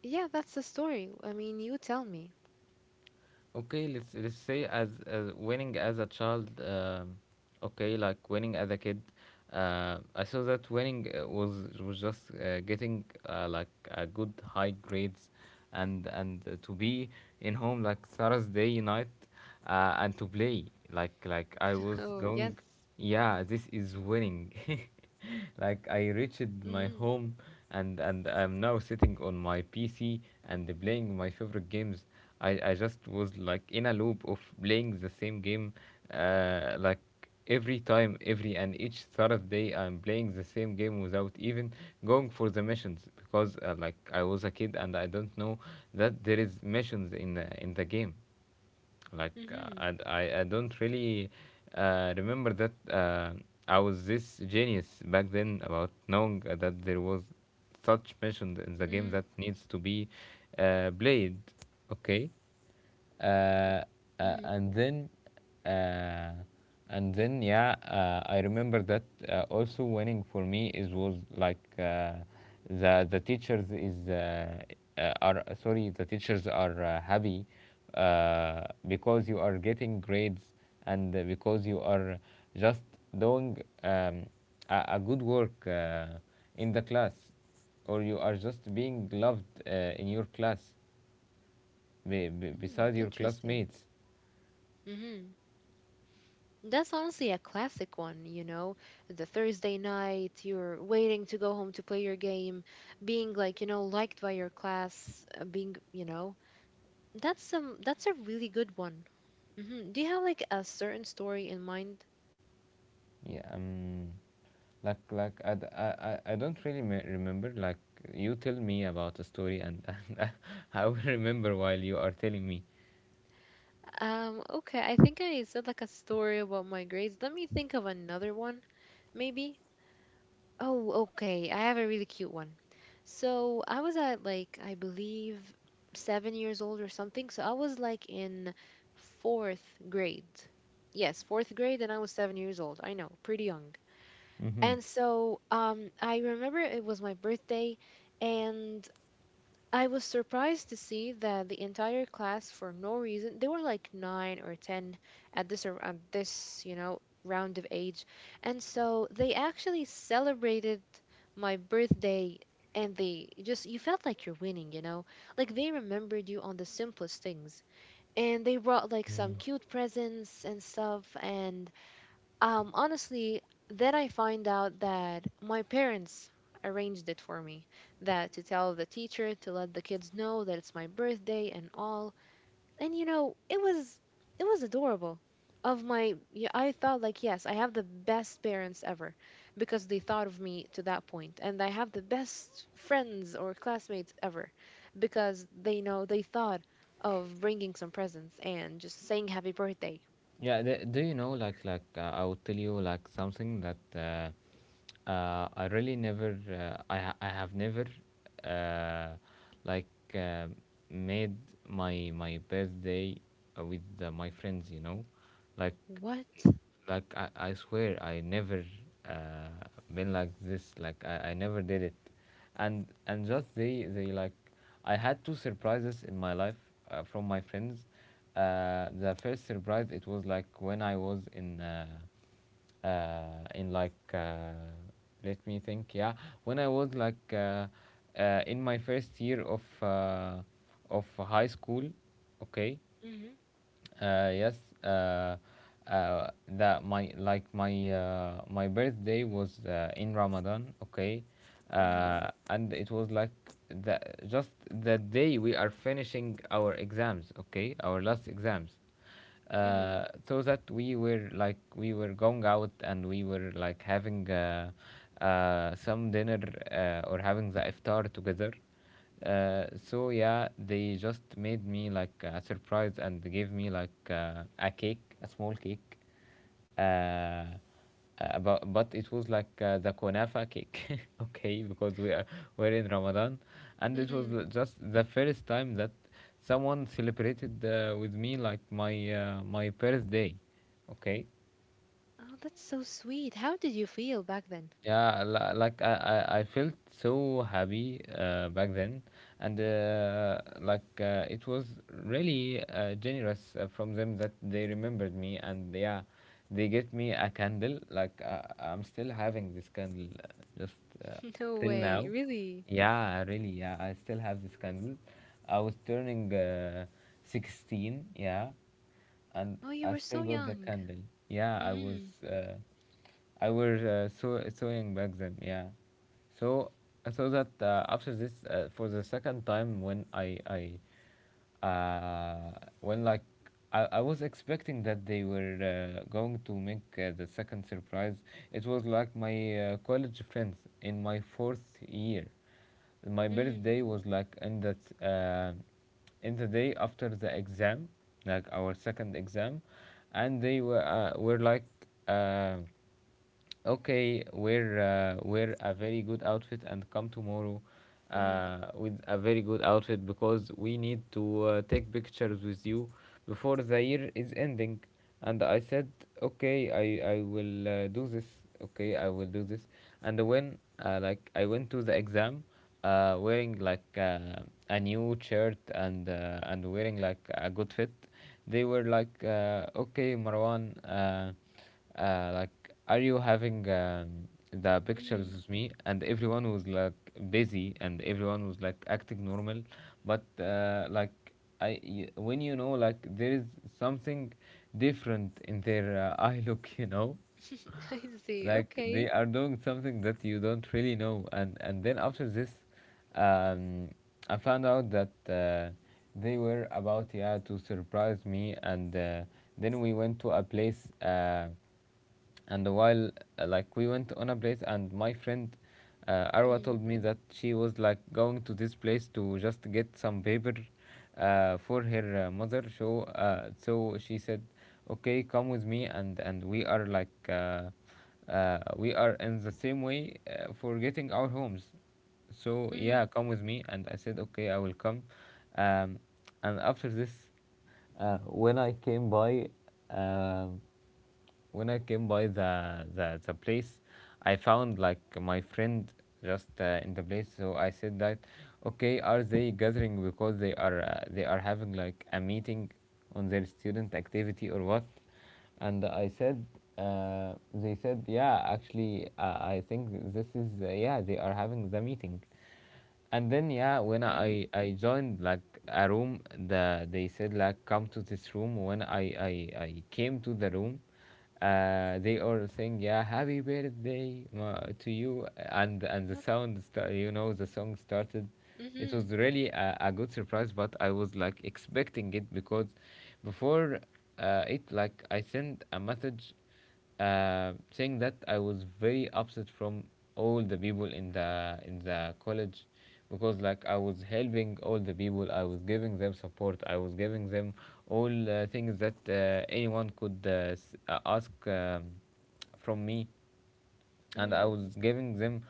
B: Yeah, that's the story. I mean, you tell me.
A: Okay, let's say as winning as a child, okay, like winning as a kid, I saw that winning was just getting like a good high grades, and to be in home like Thursday night, and to play like I was
B: Oh, yes.
A: going, yeah, this is winning. Like, I reached my
B: Mm-hmm.
A: home, and I'm now sitting on my PC and playing my favorite games. I just was like in a loop of playing the same game, uh, like every time, every and each Thursday, I'm playing the same game without even going for the missions because, like, I was a kid and I don't know that there is missions in the game. Like,
B: Mm-hmm.
A: and I don't really remember that I was this genius back then about knowing that there was such missions in the game
B: Mm-hmm.
A: that needs to be played. Okay. uh, uh, and then, uh, and then, yeah, I remember that, also winning for me is was like, the the teachers is uh, the teachers are happy because you are getting grades, and because you are just doing um, a good work in the class, or you are just being loved in your class
B: Mm-hmm.
A: beside your
B: Interesting.
A: classmates.
B: Mm-hmm. That's honestly a classic one, you know? The Thursday night, you're waiting to go home to play your game, being like, you know, liked by your class, being, you know, that's some, that's a really good one. Hmm. Do you have like a certain story in mind?
A: Yeah, like I don't really remember. Like, you tell me about a story, and and I will remember while you are telling me.
B: Okay, I think I said like a story about my grades. Let me think of another one, maybe. Oh, okay, I have a really cute one. So I was at like, I believe, 7 years old or something. So I was like in fourth grade. Yes, fourth grade, and I was 7 years old. I know, pretty young.
A: Mm-hmm.
B: And so I remember it was my birthday, and I was surprised to see that the entire class, for no reason, they were like nine or ten at this at this, you know, round of age, and so they actually celebrated my birthday, and they just, you felt like you're winning, you know, like they remembered you on the simplest things, and they brought like some
A: Mm.
B: cute presents and stuff, and honestly, then I find out that my parents arranged it for me, that to tell the teacher to let the kids know that it's my birthday and all. And you know, it was adorable. Of my, yeah, I thought like, yes, I have the best parents ever, because they thought of me to that point, and I have the best friends or classmates ever, because they know, they thought of bringing some presents and just saying happy birthday.
A: Yeah, do you know like I will tell you like something that I really never I have never uh, like uh, made my birthday with my friends. You know, like
B: What?
A: I swear I never uh, been like this. Like, I never did it. And just they like, I had two surprises in my life from my friends. The first surprise it was like when I was in uh, in like uh, let me think, yeah, when I was like in my first year of high school, okay.
B: Hmm.
A: Yes, uh, that my like my my birthday was in Ramadan, okay,
B: Hmm.
A: and it was like the just the day we are finishing our exams, okay, our last exams,
B: Hmm.
A: so that we were like we were going out, and we were like having some dinner or having the iftar together. So yeah, they just made me like a surprise and gave me like a cake, a small cake, uh, about but it was like the kunafa cake okay, because we are we're in Ramadan. And it was
B: Mm-hmm.
A: just the first time that someone celebrated with me like my birthday, okay.
B: Oh, that's so sweet. How did you feel back then?
A: Yeah, I felt so happy back then, and like, it was really generous from them that they remembered me. And yeah, they get me a candle. Like, I'm still having this candle, just
B: No
A: till
B: way,
A: now.
B: really?
A: Yeah, really. Yeah, I still have this candle. I was turning 16. Yeah, and
B: Oh, you
A: I
B: were
A: still
B: so
A: got the
B: young.
A: candle. Yeah, I was.
B: Mm-hmm.
A: I was sewing back then. Yeah, so so that after this, for the second time, when I uh, when like I was expecting that they were going to make the second surprise. It was like my college friends in my fourth year. My
B: Mm-hmm.
A: birthday was like in that in the day after the exam, like our second exam, and they were like. Uh, okay wear wear a very good outfit and come tomorrow
B: Mm-hmm.
A: with a very good outfit because we need to take pictures with you before the year is ending. And I said, okay, I will do this, okay I will do this. And when like I went to the exam wearing like a new shirt and and wearing like a good fit, they were like okay Marwan, like are you having the pictures with
B: Mm-hmm.
A: me? And everyone was like busy, and everyone was like acting normal, but like when you know like there is something different in their eye look,
B: I see.
A: like they
B: Okay.
A: are doing something that you don't really know. And then after this um I found out that they were about, yeah, to surprise me. And then we went to a place, and while like we went on a place and my friend, Arwa,
B: Mm-hmm.
A: told me that she was like going to this place to just get some paper for her mother. So so she said, okay, come with me, and we are like we are in the same way for getting our homes. So yeah,
B: Mm-hmm.
A: come with me. And I said, okay, I will come. Um, and after this, when I came by, um, when I came by the place, I found like my friend just in the place. So I said that, okay, are they gathering because they are having like a meeting on their student activity or what? And I said, they said, yeah, actually, I think this is yeah, they are having the meeting. And then yeah, when
B: Mm-hmm.
A: I joined like a room, they said like come to this room. When I came to the room, they all saying, yeah, happy birthday to you. and
B: That.
A: and the you know, the song started.
B: Mm-hmm.
A: It was really a good surprise, but I was like expecting it because before it like I sent a message saying that I was very upset from all the people in the college because like I was helping all the people, I was giving them support, I was giving them all things that anyone could ask, from me, and I
B: Mm-hmm.
A: was giving them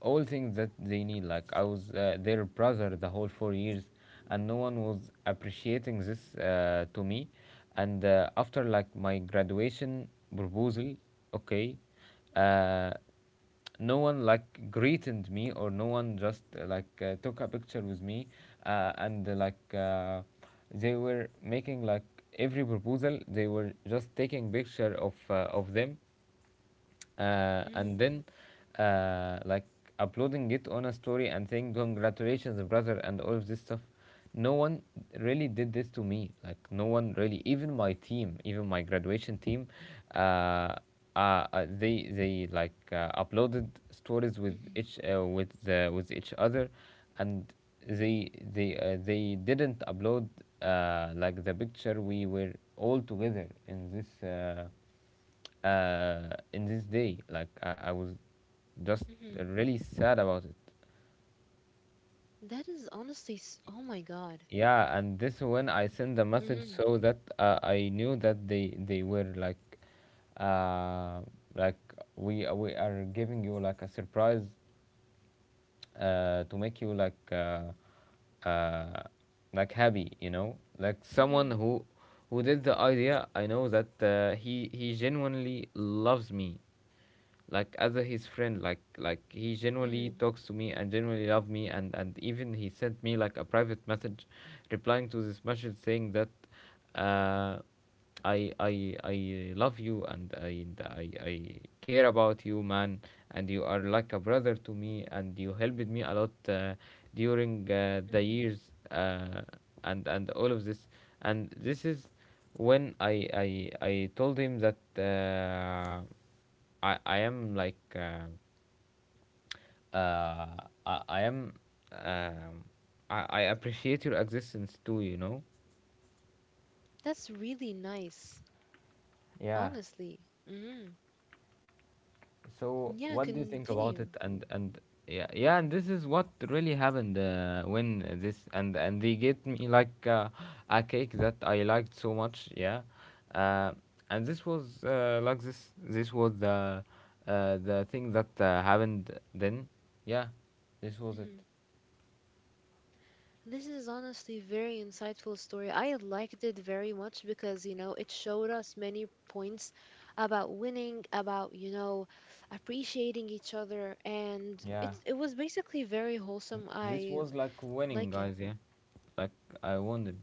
A: all things that they need. Like I was their brother the whole 4 years, and no one was appreciating this to me. And after like my graduation proposal, okay, uh, no one like greeted me or no one just took a picture with me, and like they were making like every proposal, they were just taking picture of them, and
B: Mm-hmm.
A: then like uploading it on a story and saying congratulations brother and all of this stuff. No one really did this to me, like no one really, even my team, even my graduation team, uh, they like uploaded stories with each
B: Mm-hmm.
A: with with each other. And they didn't upload like the picture we were all together in this day. Like I was just
B: Mm-hmm.
A: really sad about it.
B: That is honestly, oh my God.
A: Yeah, and this when I sent the message so
B: Mm-hmm.
A: that I knew that they were uh, like we are giving you like a surprise to make you uh, like happy, you know, like someone who
B: Mm-hmm.
A: did the idea, I know that he genuinely loves me like as a, his friend, like he genuinely talks
B: Mm-hmm.
A: to me and genuinely love me. And even he sent me like a private message replying to this message saying that uh I love you and I care about you, man. And you are like a brother to me, and you helped me a lot during the
B: Mm-hmm.
A: years, and all of this. And this is when I told him that I am like uh, I am um I appreciate your existence too. You know.
B: That's really nice,
A: Yeah.
B: honestly. Mm-hmm.
A: So
B: Yeah,
A: what do you think about it?
B: continue.
A: And yeah, yeah, and this is what really happened when this. And they get me like a cake that I liked so much. Yeah, uh, and this was like this. This was the thing that happened then. Yeah, this was it.
B: Mm-hmm. This is honestly very insightful story. I liked it very much because, you know, it showed us many points about winning, about, you know, appreciating each other, and it
A: Yeah,
B: it was basically very wholesome.
A: this
B: I
A: was like winning,
B: like it.
A: guys. Yeah, like I won it.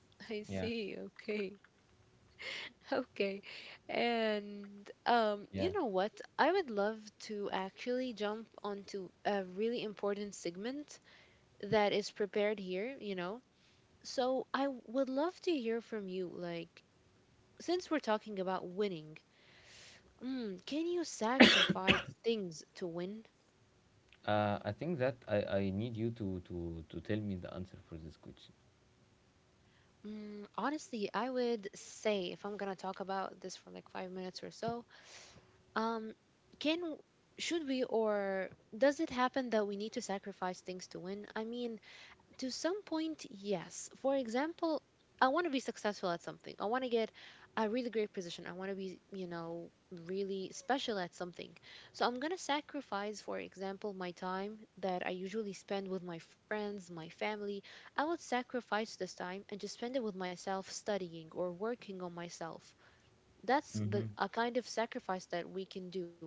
B: I
A: Yeah,
B: see. Okay. Okay. And you
A: yeah.
B: know what? I would love to actually jump onto a really important segment that is prepared here, you know. So I would love to hear from you, like, since we're talking about winning, can you sacrifice things to win?
A: I think that I need you to, to tell me the answer for this question.
B: Honestly, I would say if I'm gonna talk about this for like 5 minutes or so, um, can should we, or does it happen that we need to sacrifice things to win? I mean, to some point, yes. For example, I want to be successful at something. I want to get a really great position. I want to be, you know, really special at something. So I'm going to sacrifice, for example, my time that I usually spend with my friends, my family. I would sacrifice this time and just spend it with myself studying or working on myself. That's the
A: Mm-hmm.
B: a kind of sacrifice that we can do.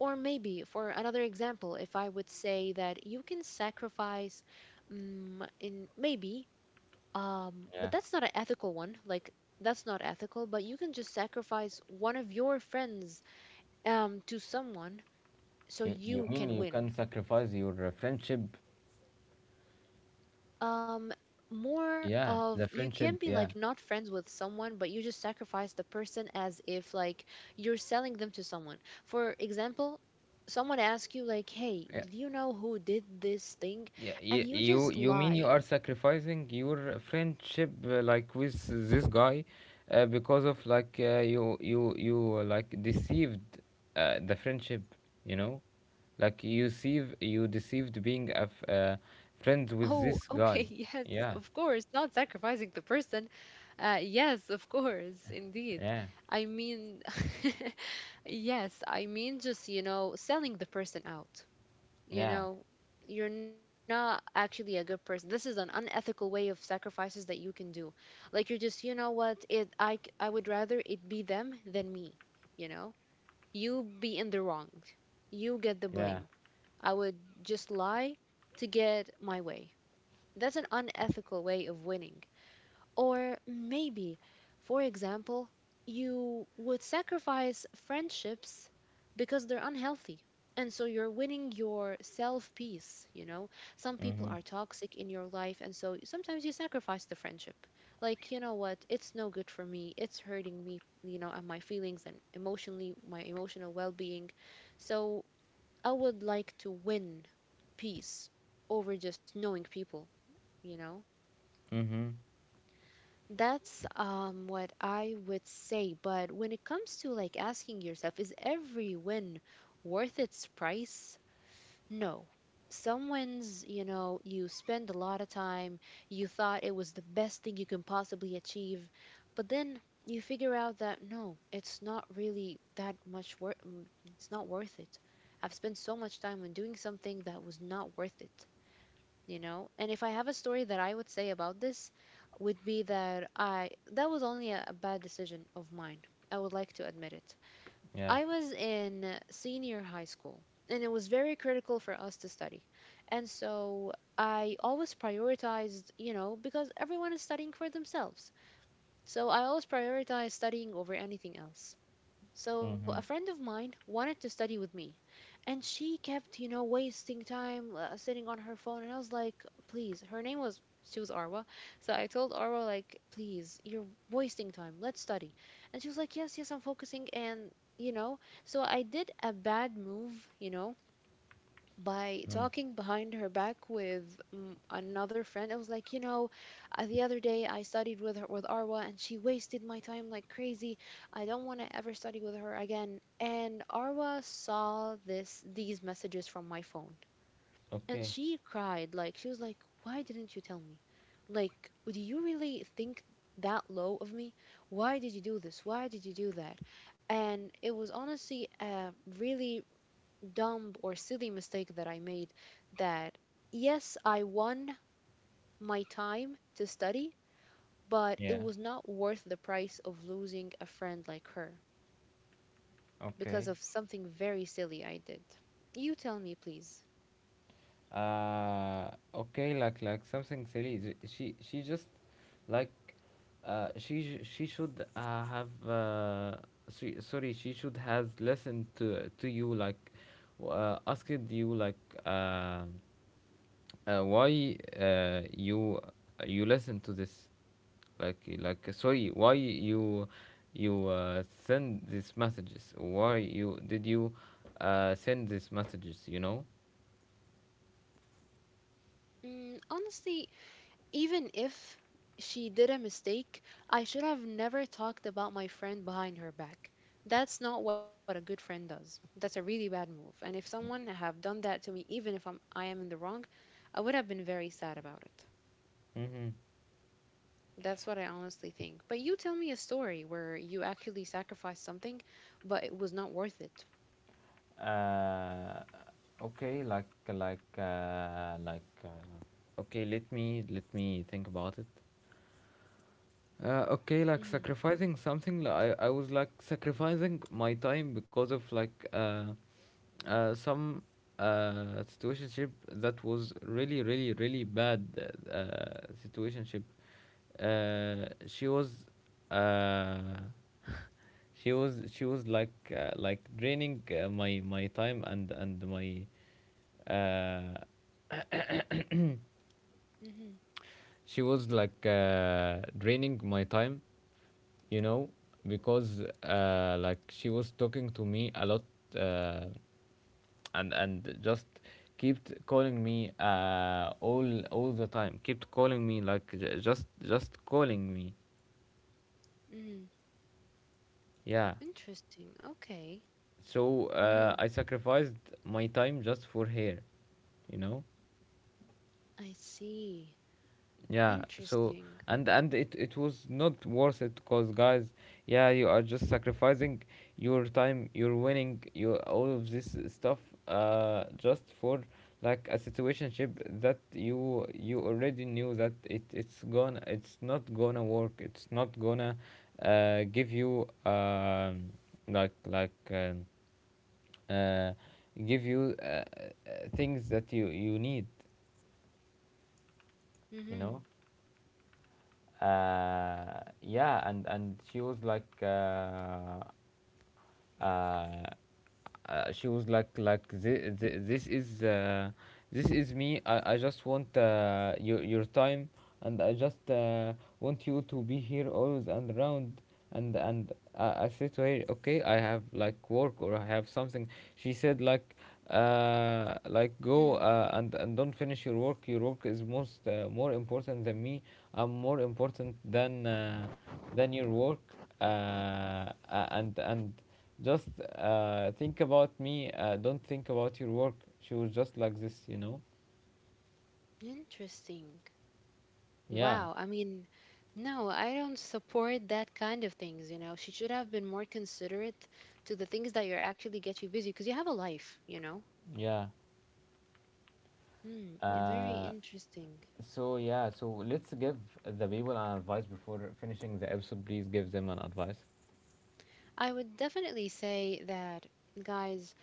B: Or maybe, for another example, if I would say that you can sacrifice in maybe
A: Yeah.
B: but that's not an ethical one. Like, that's not ethical, but you can just sacrifice one of your friends, to someone, so
A: You
B: you
A: mean
B: can
A: you
B: win.
A: can sacrifice your friendship?
B: um More
A: Yeah, the
B: of, you
A: friendship.
B: can be
A: Yeah.
B: like not friends with someone, but you just sacrifice the person as if like you're selling them to someone. For example, someone asks you like, hey,
A: Yeah.
B: did you know who did this thing,
A: Yeah. Yeah.
B: and you
A: You
B: just
A: you mean you
B: lie.
A: are sacrificing your friendship like with this guy, because of like you like deceived the friendship, you know, like you deceive you deceived being a friend with
B: Oh,
A: this
B: okay.
A: guy.
B: Yes,
A: Yeah.
B: of course, not sacrificing the person. Yes, of course, indeed.
A: Yeah.
B: I mean, yes, I mean, just, you know, selling the person out,
A: Yeah.
B: you know. You're not actually a good person. This is an unethical way of sacrifices that you can do. Like, you're just, you know what, it I would rather it be them than me, you know. You be in the wrong, you get the
A: Yeah.
B: blame. I would just lie to get my way. That's an unethical way of winning. Or maybe, for example, you would sacrifice friendships because they're unhealthy. And so you're winning your self peace, you know? Some people
A: Mhm.
B: are toxic in your life, and so sometimes you sacrifice the friendship. Like, you know what? It's no good for me. It's hurting me, you know, and my feelings and emotionally, my emotional well being. So I would like to win peace over just knowing people, you know?
A: Mhm.
B: That's what I would say. But when it comes to like asking yourself, is every win worth its price? No. Some wins, you know, you spend a lot of time, you thought it was the best thing you can possibly achieve, but then you figure out that no, it's not really that much worth, it's not worth it. I've spent so much time on doing something that was not worth it, you know. And if I have a story that I would say about this, would be that I that was only a bad decision of mine. I would like to admit it.
A: Yeah.
B: I was in senior high school, and it was very critical for us to study. And so I always prioritized, you know, because everyone is studying for themselves, so I always prioritized studying over anything else. So a friend
A: Mhm.
B: of mine wanted to study with me, and she kept, you know, wasting time sitting on her phone. And I was like, please. Her name was She was Arwa, so I told Arwa like, please, you're wasting time. Let's study. And she was like, yes, yes, I'm focusing. And, you know, so I did a bad move, you know, by
A: Mm.
B: talking behind her back with another friend. I was like, you know, the other day I studied with her, with Arwa, and she wasted my time like crazy. I don't want to ever study with her again. And Arwa saw this these messages from my phone, and
A: Okay.
B: she cried. Like, she was like, why didn't you tell me? Like, do you really think that low of me? Why did you do this? Why did you do that? And it was honestly a really dumb or silly mistake that I made, that, yes, I won my time to study, but it
A: Yeah.
B: was not worth the price of losing a friend like her
A: Okay.
B: because of something very silly I did. You tell me, please.
A: Okay, like something silly. She just like she should have she, sorry, she should has listened to you, like asked you like uh, why you listen to this, like, sorry, why you send these messages, why you did you send these messages, you know.
B: Honestly, even if she did a mistake, I should have never talked about my friend behind her back. That's not what a good friend does. That's a really bad move. And if someone have done that to me, even if I am in the wrong, I would have been very sad about it.
A: Mm-hmm.
B: That's what I honestly think. But you tell me a story where you actually sacrificed something, but it was not worth it.
A: Uh, okay, like okay, let me think about it. Okay, like
B: Mm,
A: sacrificing something. I was like sacrificing my time because of like some situationship that was really, really, really bad, situationship. She was, uh, she was like draining my my time and my, uh,
B: mhm,
A: she was like draining my time, you know, because like she was talking to me a lot, uh, and just kept calling me all the time. Kept calling me, like, just calling me.
B: mhm.
A: Yeah.
B: Interesting. Okay.
A: So
B: Mhm.
A: I sacrificed my time just for her, you know.
B: I see.
A: Yeah, so
B: Interesting.
A: and it was not worth it because guys, yeah, you are just sacrificing your time, your winning, your all of this stuff just for like a situationship that you already knew that it's gonna, it's not gonna work. It's not gonna give you like like um, uh give you things that you need, you know?
B: Mhm.
A: Yeah, and uh, she was like this, this is me, I just want your time, and I just want you to be here always and around. And I said to her, okay, I have like work or I have something. She said like go
B: Mhm.
A: and don't finish your work, your work is most more important than me, I'm more important than your work, and just think about me. Don't think about your work. She was just like this, you know.
B: Interesting.
A: Yeah,
B: Wow. I mean, no, I don't support that kind of things, you know. She should have been more considerate to the things that you're actually get you busy because you have a life, you know.
A: yeah.
B: Hmm, eh, very
A: Uh,
B: interesting.
A: so yeah, so let's give the people an advice before finishing the episode. Please give them an advice.
B: I would definitely say that, guys,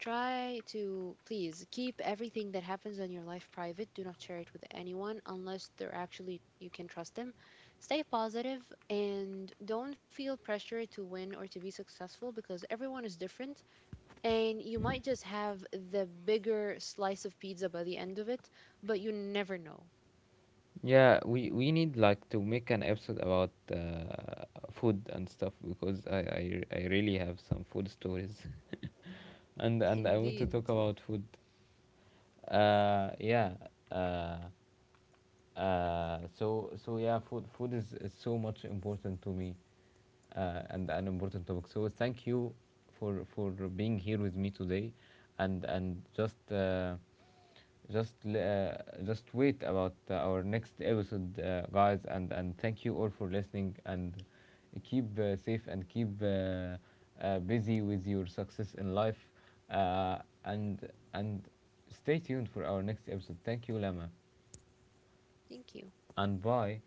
B: try to please keep everything that happens in your life private. Do not share it with anyone unless they're actually, you can trust them. Stay positive and don't feel pressure to win or to be successful because everyone is different, and you might just have the bigger slice of pizza by the end of it, but you never know.
A: Yeah, we need like to make an episode about food and stuff because I really have some food stories, and I want to talk
B: Indeed.
A: about food. Yeah. Uh, so so yeah, food is so much important to me, and an important topic. So thank you for being here with me today, and just just wait about our next episode, guys. And thank you all for listening, and keep safe, and keep busy with your success in life, uh, and stay tuned for our next episode. Thank you, Lama,
B: Thank you.
A: and bye.